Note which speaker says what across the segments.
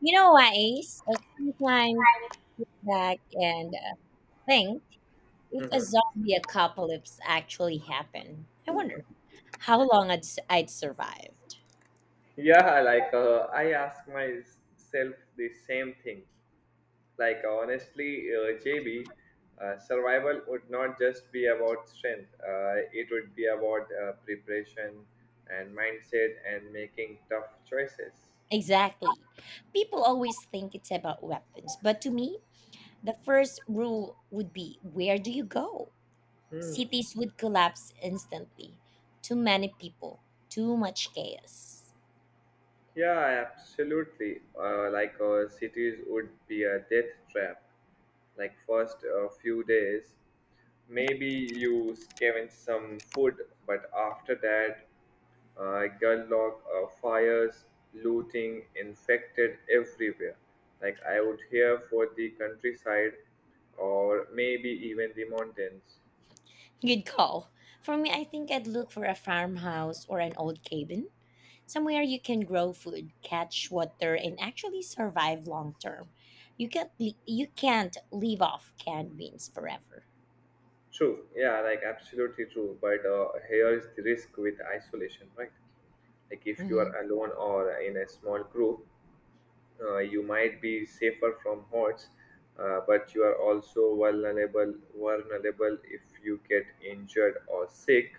Speaker 1: You know what, Ace? I sometimes back and think if a
Speaker 2: Mhm.
Speaker 1: zombie apocalypse actually happened, I wonder how long I'd survive.
Speaker 2: Yeah, like I ask myself the same thing. Like honestly, JB, survival would not just be about strength. It would be about preparation and mindset and making tough choices.
Speaker 1: Exactly. People always think it's about weapons, but to me, the first rule would be where do you go?
Speaker 2: Hmm.
Speaker 1: Cities would collapse instantly. Too many people, too much chaos.
Speaker 2: Yeah, absolutely. Cities would be a death trap. Like first few days, maybe you scavenge some food, but after that, gridlock, fires, looting, infected everywhere. Like I would hear for the countryside, or maybe even the mountains.
Speaker 1: Good call. For me, I think I'd look for a farmhouse or an old cabin somewhere you can grow food, catch water, and actually survive long term. You can't live off canned beans forever.
Speaker 2: True. Yeah, like absolutely true. But here is the risk with isolation, right? Like if you
Speaker 1: Hmm.
Speaker 2: are alone or in a small group, you might be safer from hordes, but you are also vulnerable. Vulnerable if you get injured or sick,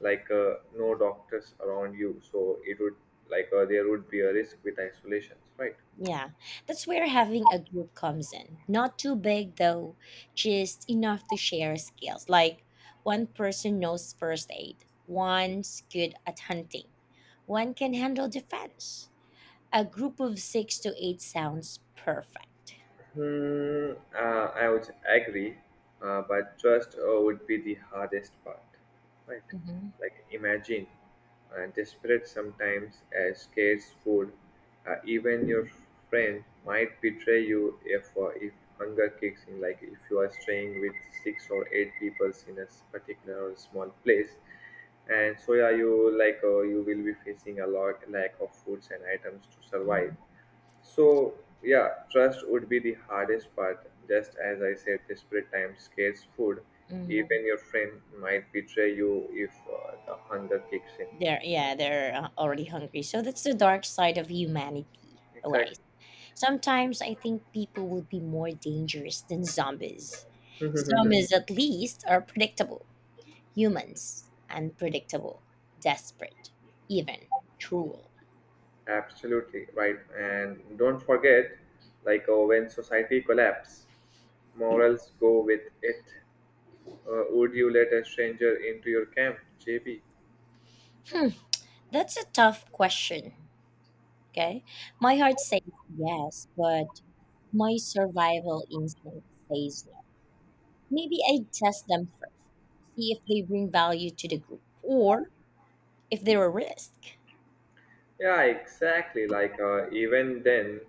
Speaker 2: no doctors around you. So it would like there would be a risk with isolations, right?
Speaker 1: Yeah, that's where having a group comes in. Not too big though, just enough to share skills. Like one person knows first aid, one's good at hunting, one can handle defense. A group of six to eight sounds perfect.
Speaker 2: I would agree, but trust would be the hardest part, right?
Speaker 1: Hmm.
Speaker 2: Like imagine, desperate sometimes as scarce food, even your friend might betray you if hunger kicks in. Like if you are staying with six or eight people in a particular or small place, and so yeah, you will be facing a lot lack of foods and items to survive. So, yeah, trust would be the hardest part. Just as I said, desperate times, scarce food. Even
Speaker 1: Hmm.
Speaker 2: your friend might betray you if the hunger kicks in.
Speaker 1: They're Yeah, they're already hungry. So that's the dark side of humanity,
Speaker 2: Exactly.
Speaker 1: always. Sometimes I think people would be more dangerous than zombies. Zombies at least are predictable. Humans unpredictable, desperate, even cruel.
Speaker 2: Absolutely right. And don't forget, when society collapse, morals go with it. Would you let a stranger into your camp, J B?
Speaker 1: Hmm, that's a tough question. Okay, my heart says yes, but my survival instinct says no. Maybe I test them first, see if they bring value to the group, or if there are risk.
Speaker 2: Yeah, exactly. Even then,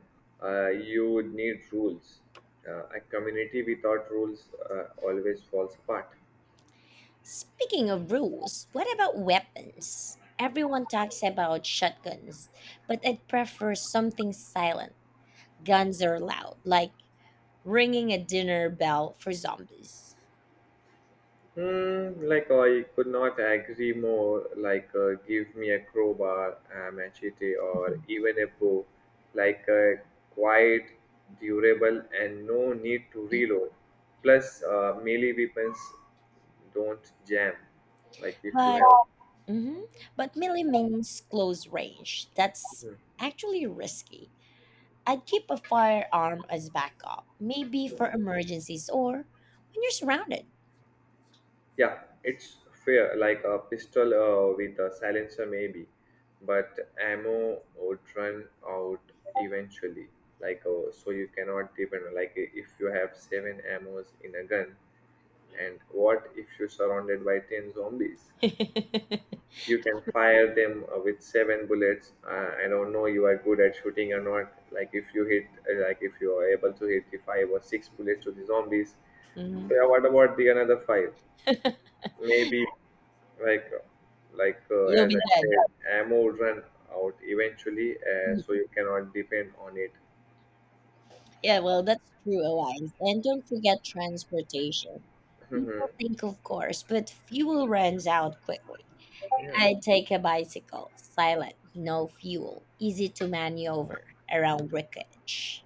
Speaker 2: you would need rules. A community without rules always falls apart.
Speaker 1: Speaking of rules, what about weapons? Everyone talks about shotguns, but I'd prefer something silent. Guns are loud, like ringing a dinner bell for zombies.
Speaker 2: Hmm, like I could not agree more. Give me a crowbar, a machete, or even a bow. Like uh, Quiet, durable, and no need to reload. Plus, melee weapons don't jam. Like if you
Speaker 1: But
Speaker 2: have.
Speaker 1: mhm, but melee means close range. That's
Speaker 2: Hmm.
Speaker 1: actually risky. I'd keep a firearm as backup, maybe for emergencies or when you're surrounded.
Speaker 2: Yeah, it's fair, like a pistol with a silencer maybe, but ammo would run out eventually. So, you cannot depend. Like if you have seven ammos in a gun, and what if you're surrounded by ten zombies? You can fire them with seven bullets. I don't know you are good at shooting or not. Like if you are able to hit the five or six bullets to the zombies. So yeah,
Speaker 1: Mhm.
Speaker 2: what about the another five? Maybe like
Speaker 1: You'll
Speaker 2: as
Speaker 1: be
Speaker 2: I
Speaker 1: dead.
Speaker 2: said, ammo would run out eventually, so you cannot depend on it.
Speaker 1: Yeah, well, that's true, Alliance. And don't forget transportation.
Speaker 2: Mhm.
Speaker 1: People think, of course, but fuel runs out quickly.
Speaker 2: Yeah.
Speaker 1: I take a bicycle, silent, no fuel, easy to maneuver around wreckage.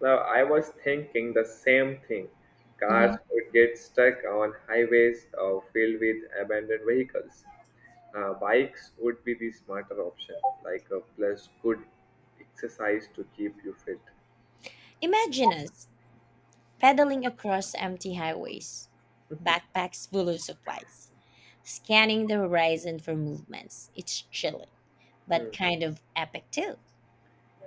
Speaker 2: Now I was thinking the same thing. Cars
Speaker 1: Mhm.
Speaker 2: would get stuck on highways filled with abandoned vehicles. Bikes would be the smarter option, like a plus good exercise to keep you fit.
Speaker 1: Imagine us pedaling across empty highways, backpacks full of supplies, scanning the horizon for movements. It's chilling, but kind of epic too.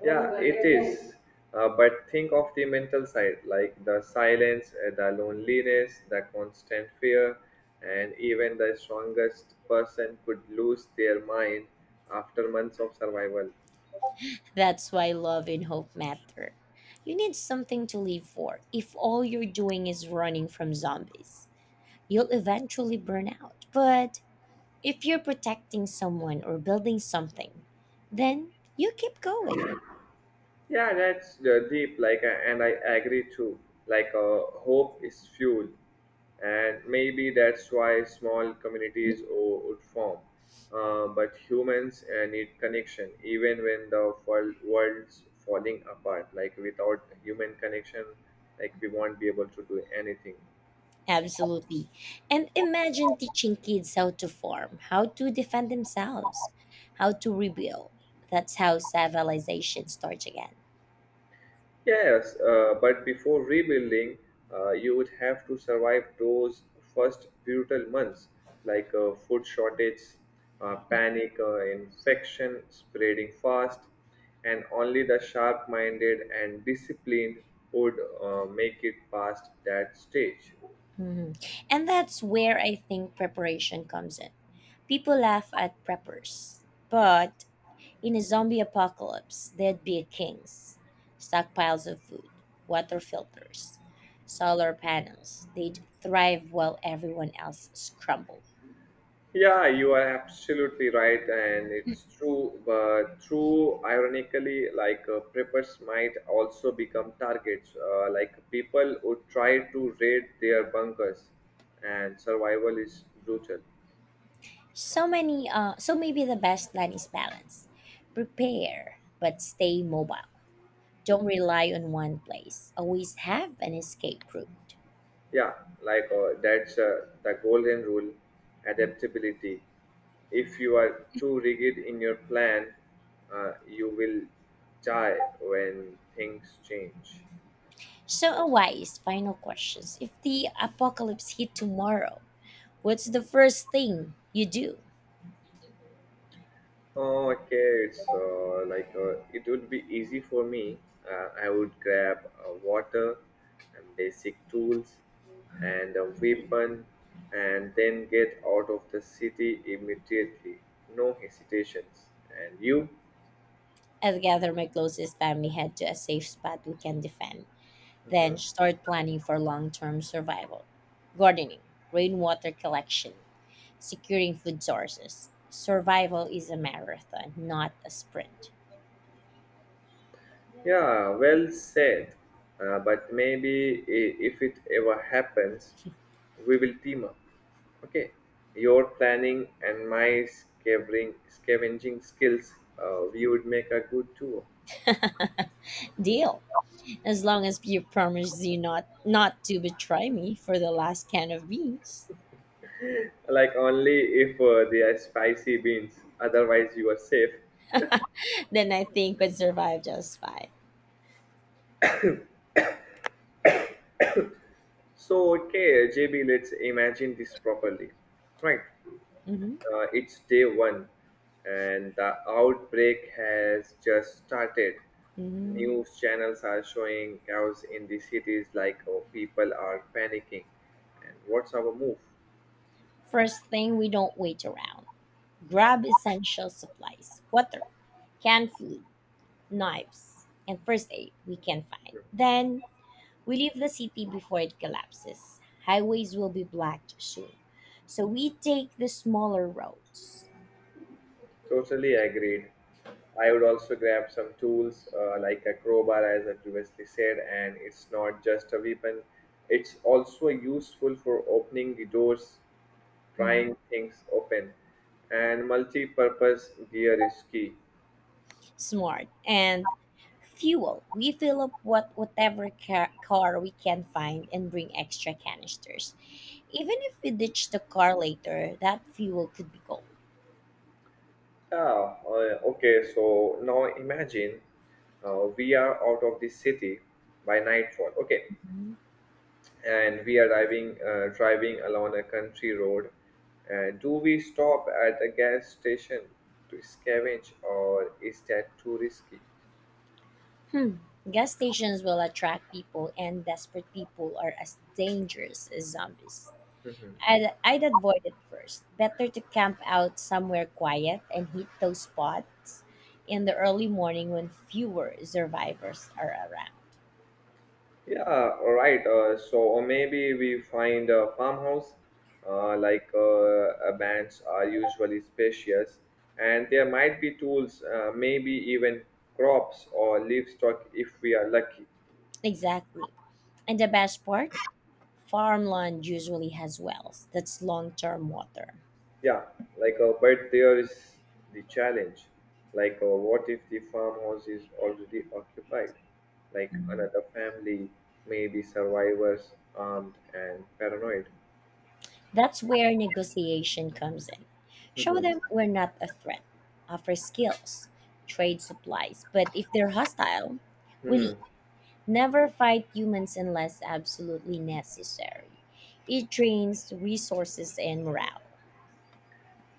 Speaker 2: Yeah, it is. But think of the mental side, like the silence, the loneliness, the constant fear, and even the strongest person could lose their mind after months of survival.
Speaker 1: That's why love and hope matter. You need something to live for. If all you're doing is running from zombies, you'll eventually burn out. But if you're protecting someone or building something, then you keep going.
Speaker 2: Yeah, that's deep. And I agree too. Hope is fuel, and maybe that's why small communities would form. But humans need connection, even when the world's falling apart. Like, without human connection, like we won't be able to do anything.
Speaker 1: Absolutely. And imagine teaching kids how to farm, how to defend themselves, how to rebuild. That's how civilization starts again.
Speaker 2: Yes, but before rebuilding, you would have to survive those first brutal months, like food shortage, panic, infection spreading fast, and only the sharp minded and disciplined would make it past that stage.
Speaker 1: Mhm. And that's where I think preparation comes in. People laugh at preppers, but in a zombie apocalypse, they'd be kings. Stockpiles of food, water filters, solar panels. They'd thrive while everyone else scrambled.
Speaker 2: Yeah, you are absolutely right, and it's true. But true, ironically, preppers might also become targets. Like people would try to raid their bunkers, and survival is brutal.
Speaker 1: So maybe the best plan is balance. Prepare, but stay mobile. Don't rely on one place. Always have an escape route.
Speaker 2: Yeah, like that's the golden rule: adaptability. If you are too rigid in your plan, you will die when things change.
Speaker 1: So, a wise final questions. If the apocalypse hit tomorrow, what's the first thing you do?
Speaker 2: Oh, okay, so it would be easy for me. I would grab water and basic tools and a weapon and then get out of the city immediately. No hesitations. And you?
Speaker 1: I would gather my closest family, head to a safe spot we can defend, then start planning for long term survival. Gardening, rainwater collection, securing food sources. Survival is a marathon, not a sprint.
Speaker 2: Yeah, well said. But maybe if it ever happens, we will team up. Okay, your planning and my scavenging skills, we would make a good duo.
Speaker 1: Deal. As long as you promise you not to betray me for the last can of beans,
Speaker 2: Like only if they are spicy beans, otherwise you are safe.
Speaker 1: then I think we would survive just fine.
Speaker 2: So okay, JB, let's imagine this properly, right?
Speaker 1: Mhm.
Speaker 2: It's day one, and the outbreak has just started.
Speaker 1: Mhm.
Speaker 2: News channels are showing cows in the cities like oh, people are panicking. And what's our move?
Speaker 1: First thing, we don't wait around. Grab essential supplies water, canned food, knives, and first aid we can find.
Speaker 2: Mhm.
Speaker 1: Then we leave the city before it collapses. Highways will be blocked soon. So we take the smaller roads.
Speaker 2: Totally agreed. I would also grab some tools like a crowbar, as I previously said, and it's not just a weapon, it's also useful for opening the doors,
Speaker 1: Mm-hmm.
Speaker 2: prying things open, and multi purpose gear is key.
Speaker 1: Smart. And fuel, we fill up whatever car we can find and bring extra canisters, even if we ditch the car later, that fuel could be gold.
Speaker 2: Yeah, okay, so now imagine we are out of the city by nightfall, okay,
Speaker 1: Mhm.
Speaker 2: and we are driving, driving along a country road. Do we stop at a gas station to scavenge, or is that too risky?
Speaker 1: Hmm, gas stations will attract people, and desperate people are as dangerous as zombies. I'd avoid it first, better to camp out somewhere quiet and hit those spots in the early morning when fewer survivors are around.
Speaker 2: Yeah, all right. So or maybe we find a farmhouse, like bands are usually spacious, and there might be tools, maybe even crops or livestock if we are lucky.
Speaker 1: Exactly. And the best part, farmland usually has wells. That's long-term water.
Speaker 2: Yeah, like but there is the challenge. Like, what if the farmhouse is already occupied? Like another family, maybe survivors, armed and paranoid.
Speaker 1: That's where negotiation comes in. Show them
Speaker 2: Hmm.
Speaker 1: we're not a threat. Offer skills, trade supplies, but if they're hostile, we
Speaker 2: Hmm.
Speaker 1: leave. Never fight humans unless absolutely necessary. It drains resources and morale.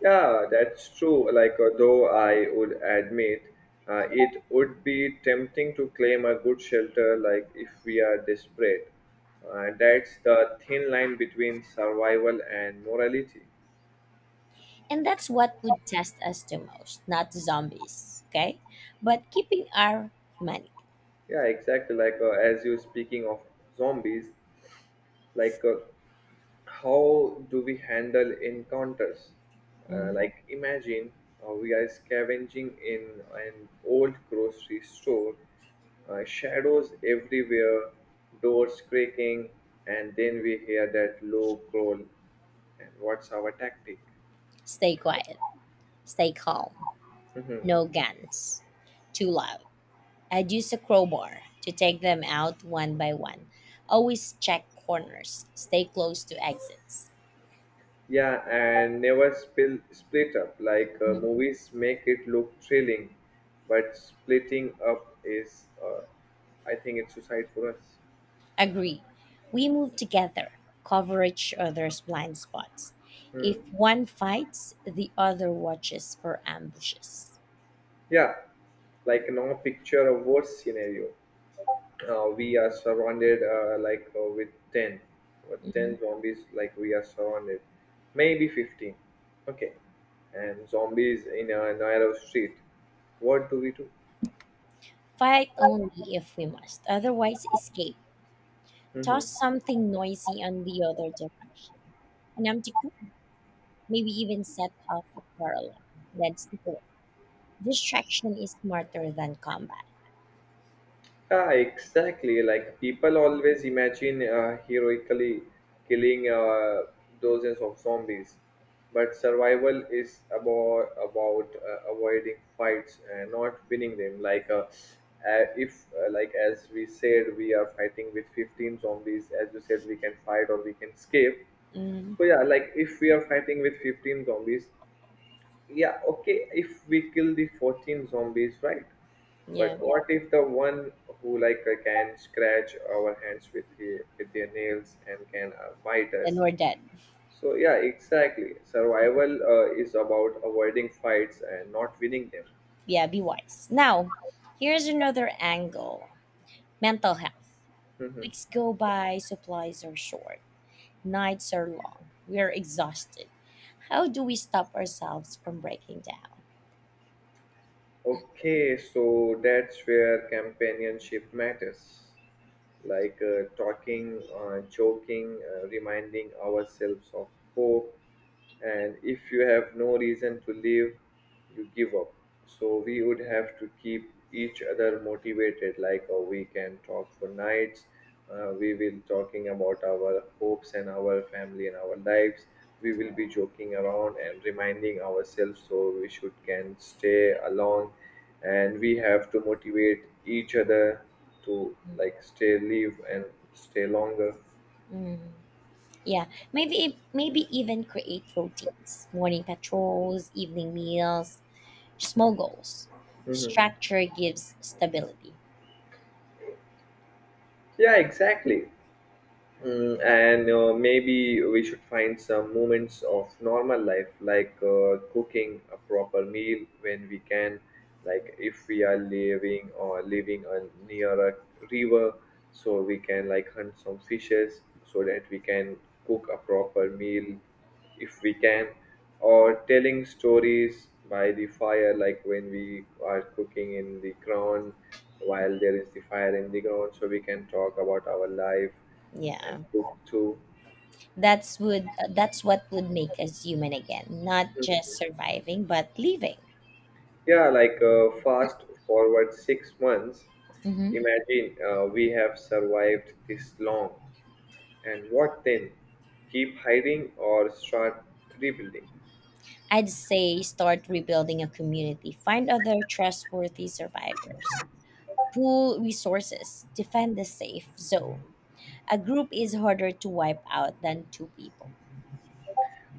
Speaker 2: Yeah, that's true. Like, though I would admit, it would be tempting to claim a good shelter, like if we are desperate. That's the thin line between survival and morality.
Speaker 1: And that's what would test us the most, not zombies, okay? But keeping our humanity.
Speaker 2: Yeah, exactly. As you speaking of zombies, like uh, how do we handle encounters
Speaker 1: Mhm.
Speaker 2: like imagine we are scavenging in an old grocery store, shadows everywhere, doors creaking, and then we hear that low growl, and what's our tactic?
Speaker 1: Stay quiet. Stay calm.
Speaker 2: Mhm.
Speaker 1: No guns. Too loud. I'd use a crowbar to take them out one by one. Always check corners. Stay close to exits.
Speaker 2: Yeah, and never spill split up.
Speaker 1: Mhm.
Speaker 2: Movies make it look thrilling, but splitting up is, I think, it's suicide for us.
Speaker 1: Agree. We move together, cover each other's blind spots. If
Speaker 2: Hmm.
Speaker 1: one fights, the other watches for ambushes.
Speaker 2: Yeah, like no picture of worst scenario. We are surrounded with 10 or
Speaker 1: Mhm.
Speaker 2: 10 zombies like we are surrounded maybe 15, okay, and zombies in a narrow street, what do we do?
Speaker 1: Fight only if we must, otherwise, escape. Toss something noisy on the other direction. An empty cup. Maybe even set off a car alarm, then sneak away. Distraction is smarter than combat.
Speaker 2: Yeah, exactly. Like people always imagine heroically killing dozens of zombies, but survival is about avoiding fights and not winning them. Like if like as we said, we are fighting with 15 zombies. As you said, we can fight or we can escape.
Speaker 1: Mm,
Speaker 2: So yeah, like if we are fighting with 15 zombies, yeah okay if we kill the 14 zombies right but
Speaker 1: yeah.
Speaker 2: yeah, what if the one who can scratch our hands with with their nails and can bite
Speaker 1: Then
Speaker 2: us,
Speaker 1: we're dead.
Speaker 2: so yeah exactly, survival is about avoiding fights and not winning them.
Speaker 1: Yeah, be wise. Now, here's another angle, mental health.
Speaker 2: Mhm.
Speaker 1: Weeks go by, supplies are short, nights are long, we are exhausted. How do we stop ourselves from breaking
Speaker 2: Okay, so that's where companionship matters, like talking, joking, reminding ourselves of hope, and if you have no reason to leave you give up. So we would have to keep each other motivated, like oh, we can talk for nights, we will talking about our hopes and our family and our lives, we will be joking around and reminding ourselves so we should can stay along, and we have to motivate each other to
Speaker 1: down?
Speaker 2: like stay live and stay longer.
Speaker 1: Mm, yeah, maybe even create routines, morning patrols, evening meals, small goals.
Speaker 2: Mhm.
Speaker 1: Structure gives stability.
Speaker 2: Yeah, exactly. Mm, and maybe we should find some moments of normal life, like cooking a proper meal when we can, like if we are living on near a river, so we can like hunt some fishes so that we can cook a proper meal if we can, or telling stories by the fire, like when we are cooking in the ground while there is the fire in the ground, so we can talk about our life and
Speaker 1: Yeah.
Speaker 2: took to
Speaker 1: That's what would make us human again, not just surviving but living.
Speaker 2: yeah, fast forward 6 months,
Speaker 1: Mhm.
Speaker 2: imagine we have survived this long, and what then, keep hiding or start rebuilding?
Speaker 1: I'd say start rebuilding a community. Find other trustworthy survivors. Pool resources. Defend the safe zone. A group is harder to wipe out than two people.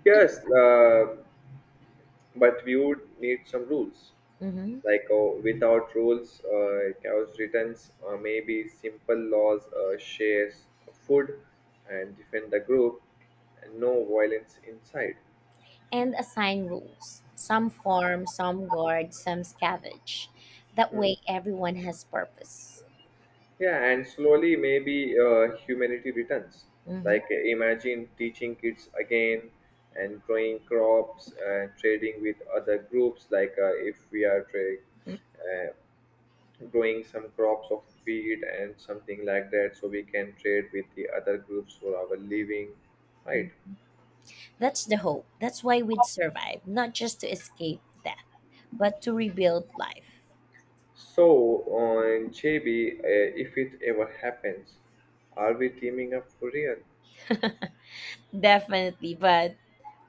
Speaker 2: Yes, but we would need some rules,
Speaker 1: Mhm.
Speaker 2: like without rules chaos returns, or maybe simple laws, shares food and defend the group and no violence inside.
Speaker 1: And assign rules. Some farm, some guard, some scavenge. That way, everyone has purpose.
Speaker 2: Yeah, and slowly maybe humanity returns.
Speaker 1: Hmm.
Speaker 2: Imagine teaching kids again and growing crops and trading with other groups. Like if we are uh, growing some crops of wheat and something like that, so we can trade with the other groups for our living, right?
Speaker 1: Hmm. That's the hope. That's why we'd survive, not just to escape death, but to rebuild life.
Speaker 2: So on JB, if it ever happens, are we teaming up for real?
Speaker 1: Definitely, but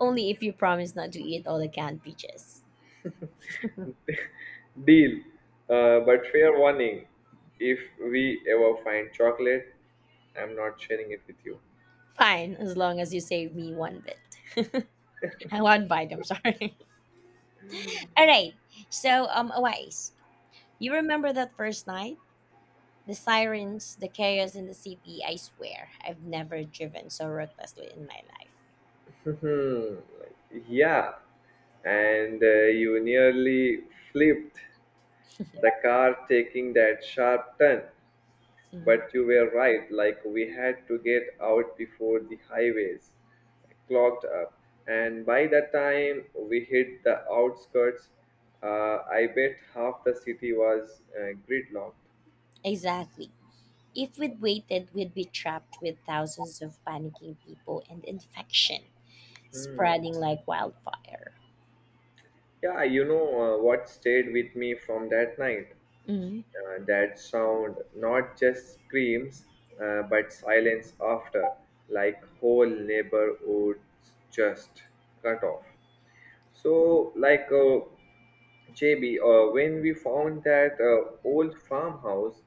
Speaker 1: only if you promise not to eat all the canned peaches.
Speaker 2: Deal. But fair warning, if we ever find chocolate, I'm not sharing it with you.
Speaker 1: Fine, as long as you save me one bit. One bite, I'm sorry. All right, so, Awais, you remember that first night? The sirens, the chaos in the city, I swear, I've never driven so recklessly in my life.
Speaker 2: Hmm. Yeah. And you nearly flipped the car taking that sharp turn.
Speaker 1: Mhm.
Speaker 2: But you were right, like we had to get out before the highways clogged up. And by the time we hit the outskirts, I bet half the city was gridlocked.
Speaker 1: Exactly. If we'd waited, we'd be trapped with thousands of panicking people and infection
Speaker 2: Hmm.
Speaker 1: spreading like wildfire.
Speaker 2: Yeah, what stayed with me from that night?
Speaker 1: Mm.
Speaker 2: That sound, not just screams, but silence after, like whole neighborhoods just cut off. So, like uh, JB, when we found that old farmhouse,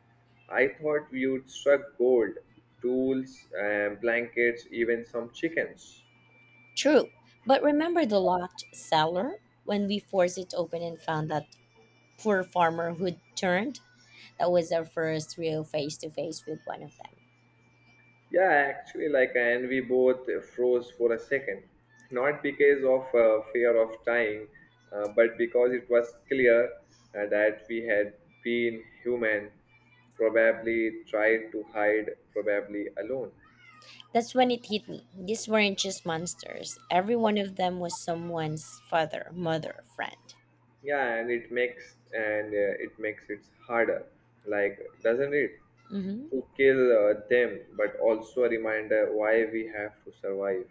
Speaker 2: I thought we would struck gold, tools, and blankets, even some chickens.
Speaker 1: True, but remember the locked cellar when we forced it open and found that poor farmer who'd turned? That was our first real face to face with one of them.
Speaker 2: Yeah, actually, like, and we both froze for a second, not because of fear of dying, but because it was clear that we had been human, probably tried to hide, probably alone.
Speaker 1: That's when it hit me. These weren't just monsters. Every one of them was someone's father, mother, friend.
Speaker 2: Yeah, and it makes it harder, like, doesn't it,
Speaker 1: Hmm.
Speaker 2: to kill them, but also a reminder why we have to survive.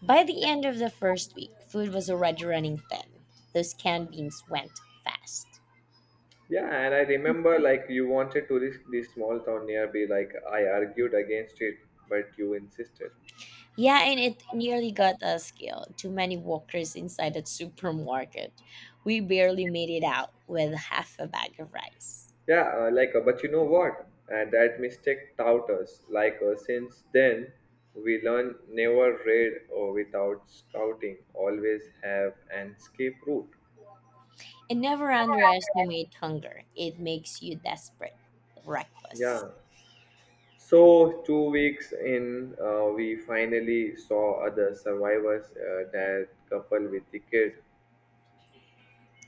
Speaker 1: By the end of the first week, food was already running thin. Those canned beans went fast.
Speaker 2: Yeah, and I remember like you wanted to risk the small town nearby. Like I argued against it, but you insisted.
Speaker 1: Yeah, and it nearly got us killed. Too many walkers inside that supermarket. We barely made it out with half a bag of rice.
Speaker 2: Yeah, but you know what? And that mistake taught us. Since then, we learn never raid or without scouting. Always have an escape route.
Speaker 1: And never underestimate hunger. It makes you desperate, reckless.
Speaker 2: Yeah. So 2 weeks in, we finally saw other survivors. That couple with the kid.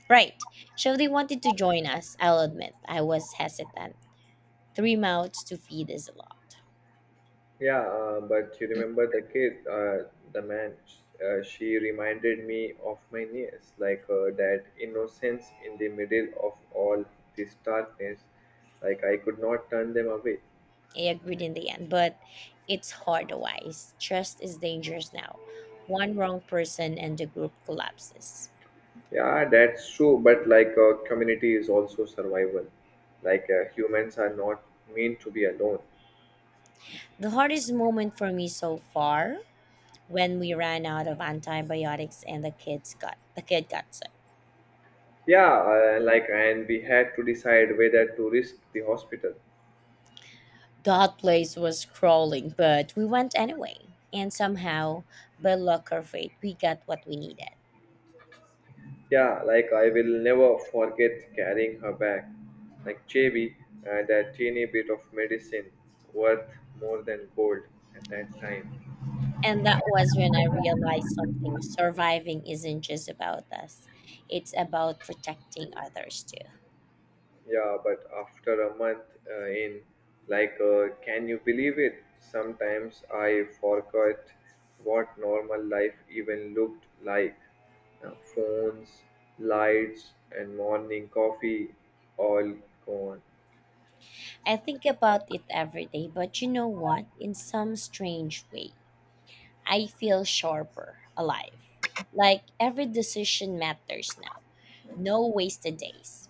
Speaker 1: Right. So they wanted to join us. I'll admit, I was hesitant. Three mouths to feed is a lot.
Speaker 2: Yeah, but you remember the kid, she reminded me of my niece, that innocence in the middle of all this darkness. Like I could not turn them away.
Speaker 1: I agreed in the end, but it's hard otherwise. Trust is dangerous now. One wrong person and the group collapses.
Speaker 2: Yeah, that's true, but community is also survival. Humans are not meant to be alone.
Speaker 1: The hardest moment for me so far when we ran out of antibiotics and the kid got sick.
Speaker 2: Yeah, and we had to decide whether to risk the hospital.
Speaker 1: That place was crawling, but we went anyway. And somehow, by luck or fate, we got what we needed.
Speaker 2: Yeah, like I will never forget carrying her bag, like Chevy, and a teeny bit of medicine worth more than gold at that time.
Speaker 1: And that was when I realized something. Surviving isn't just about us, it's about protecting others too.
Speaker 2: Yeah, but after a month in, can you believe it? Sometimes I forgot what normal life even looked like. Phones, lights, and morning coffee all gone.
Speaker 1: I think about it every day, but you know what? In some strange way, I feel sharper, alive. Like every decision matters now. No wasted days.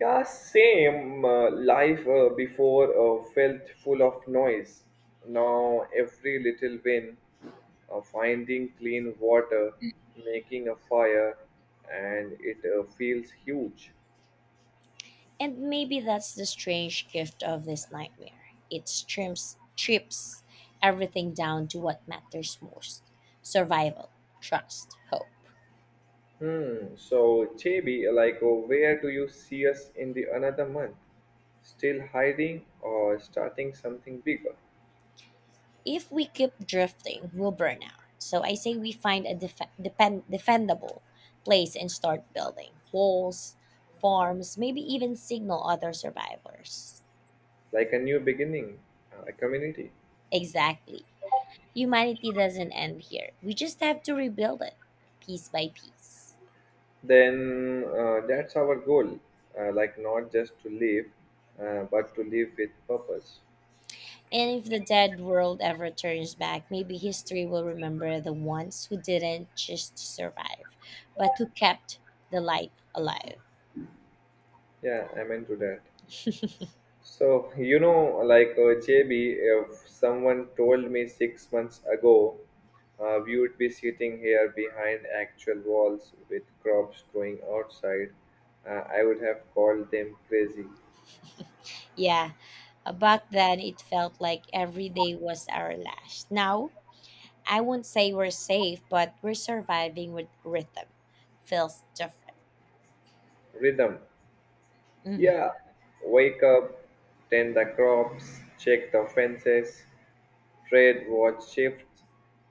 Speaker 2: Yeah, same. Life before felt full of noise. Now, every little win, finding clean water, making a fire, and it feels huge.
Speaker 1: And maybe that's the strange gift of this nightmare. It trims, strips everything down to what matters most, survival, trust, hope.
Speaker 2: Hmm. So, JB, where do you see us in the another month? Still hiding or starting something bigger,
Speaker 1: If we keep drifting, we'll burn out. So I say we find a defendable place and start building walls, farms, maybe even signal other survivors.
Speaker 2: like a new beginning, a community?
Speaker 1: Exactly. Humanity doesn't end here. We just have to rebuild it piece by piece.
Speaker 2: Then that's our goal, like not just to live, but to live with purpose.
Speaker 1: And if the dead world ever turns back, maybe history will remember the ones who didn't just survive, but who kept the light alive.
Speaker 2: Yeah, I'm into that. So, you know, JB, if someone told me 6 months ago we would be sitting here behind actual walls with crops growing outside, I would have called them crazy.
Speaker 1: Yeah. Back then, it felt like every day was our last. Now, I won't say we're safe, but we're surviving with rhythm. Feels different.
Speaker 2: Rhythm.
Speaker 1: Hmm.
Speaker 2: Yeah, wake up, tend the crops, check the fences, trade what shifts,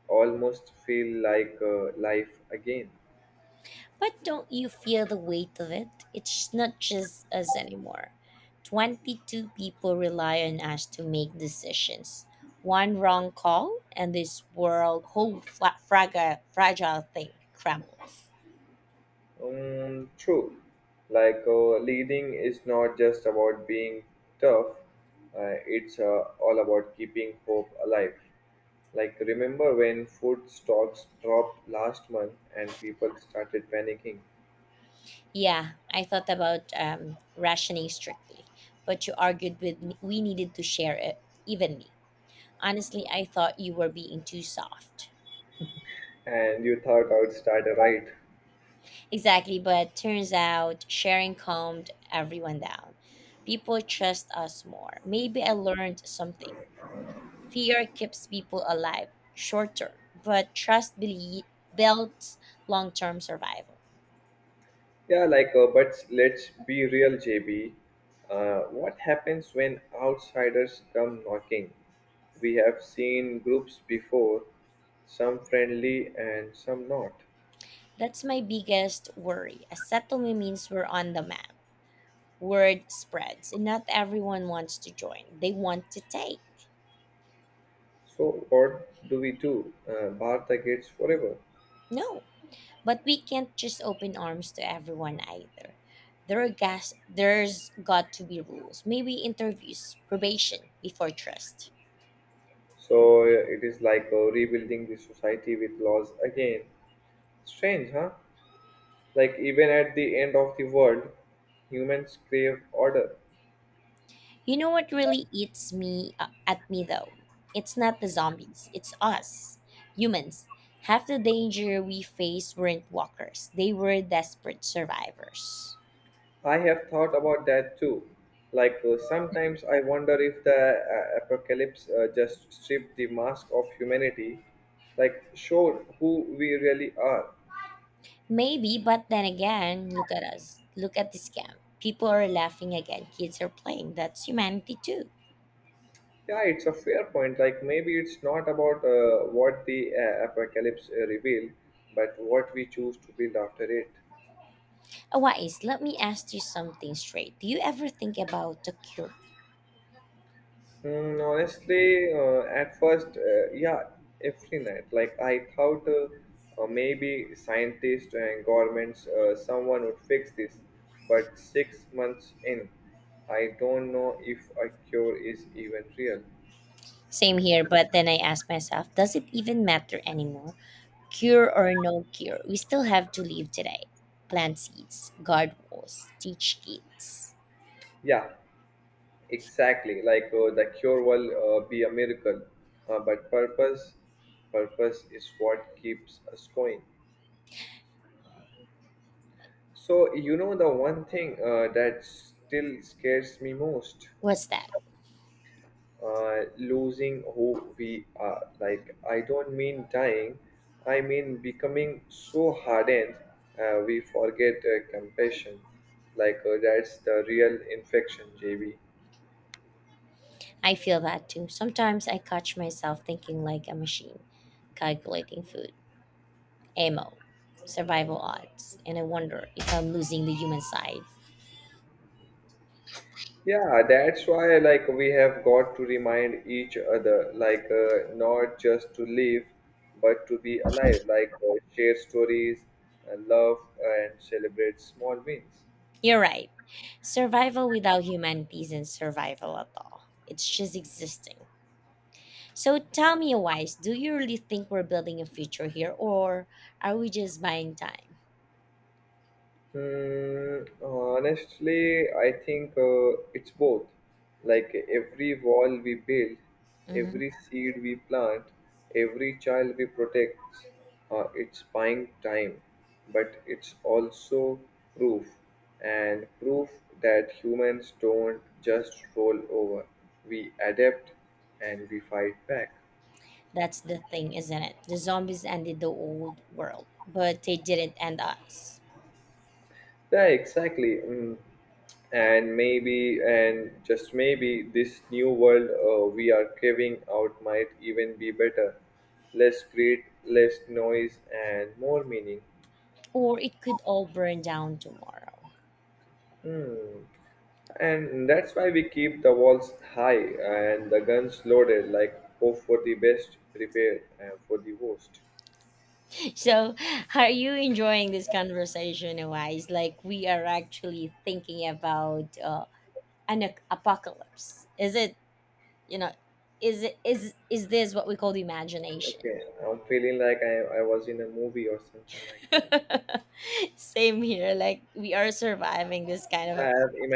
Speaker 2: almost feel like life again.
Speaker 1: But don't you feel the weight of it? It's not just us anymore. 22 people rely on us to make decisions. One wrong call, and this world, whole fragile thing crumbles.
Speaker 2: True. Leading is not just about being tough, it's all about keeping hope alive. Like, remember when food stocks dropped last month and people started panicking,
Speaker 1: Yeah, I thought about rationing strictly, but you argued with me we needed to share it evenly. Honestly, I thought you were being too soft.
Speaker 2: and you thought I would start a riot?
Speaker 1: Exactly, but turns out sharing calmed everyone down. People trust us more. Maybe I learned something. Fear keeps people alive short term, but trust builds long term survival.
Speaker 2: Yeah, but let's be real, JB. What happens when outsiders come knocking? We have seen groups before, some friendly and some not.
Speaker 1: That's my biggest worry. A settlement means we're on the map. Word spreads and not everyone wants to join. They want to take.
Speaker 2: So, what do we do? Bar the gates forever.
Speaker 1: No. But we can't just open arms to everyone either. There are gas there's got to be rules. Maybe interviews, probation before trust.
Speaker 2: So, it is like rebuilding the society with laws again. Strange, huh? Like, even at the end of the world, humans crave order.
Speaker 1: You know what really eats me at me though? It's not the zombies, it's us humans. Half the danger we faced weren't walkers. They were desperate survivors.
Speaker 2: I have thought about that too. Sometimes I wonder if the apocalypse just stripped the mask of humanity, like showed who we really are.
Speaker 1: Maybe, but then again, look at us. Look at this scam. People are laughing again. Kids are playing. That's humanity too.
Speaker 2: Yeah, it's a fair point. Like maybe it's not about what the apocalypse revealed, but what we choose to build after it.
Speaker 1: Awais, let me ask you something straight. Do you ever think about the cure?
Speaker 2: Mm, honestly, at first, yeah, every night. Like I thought, maybe scientists and governments, someone would fix this. But 6 months in, I don't know if a cure is even real.
Speaker 1: Same here, but then I ask myself, does it even matter anymore? Cure or no cure, we still have to live today. Plant seeds, guard walls, teach kids.
Speaker 2: Yeah, exactly. The cure will be a miracle, but purpose, purpose is what keeps us going. So you know the one thing that still scares me most.
Speaker 1: What's that?
Speaker 2: Losing who we are. Like, I don't mean dying, I mean becoming so hardened we forget compassion. That's the real infection, JB.
Speaker 1: I feel that too. Sometimes I catch myself thinking like a machine, calculating food, ammo, survival odds, and I wonder if I'm losing the human side.
Speaker 2: Yeah, that's why, like, we have got to remind each other, not just to live, but to be alive, share stories, love, and celebrate small wins.
Speaker 1: You're right. Survival without humanity isn't survival at all. It's just existing. So tell me, Wise, do you really think we're building a future here, or are we just buying time?
Speaker 2: Hmm, honestly, I think it's both. Like every wall we build,
Speaker 1: Hmm.
Speaker 2: every seed we plant, every child we protect, it's buying time, but it's also proof, and proof that humans don't just roll over. We adapt and we fight back.
Speaker 1: That's the thing, isn't it? The zombies ended the old world, but they didn't end us.
Speaker 2: Yeah, exactly. Mm. And maybe, and just maybe, this new world we are carving out might even be better. Less greed, less noise, and more meaning.
Speaker 1: Or it could all burn down tomorrow.
Speaker 2: Hmm. And that's why we keep the walls high and the guns loaded, like hope for the best, prepare for the worst.
Speaker 1: So, are you enjoying this conversation, Wise? Like we are actually thinking about an apocalypse. Is it, you know? Is it is this what we call the imagination?
Speaker 2: Okay, I'm feeling like I was in a movie or something like that.
Speaker 1: Same here. Like we are surviving this kind
Speaker 2: Yeah, I
Speaker 1: of
Speaker 2: have imagined.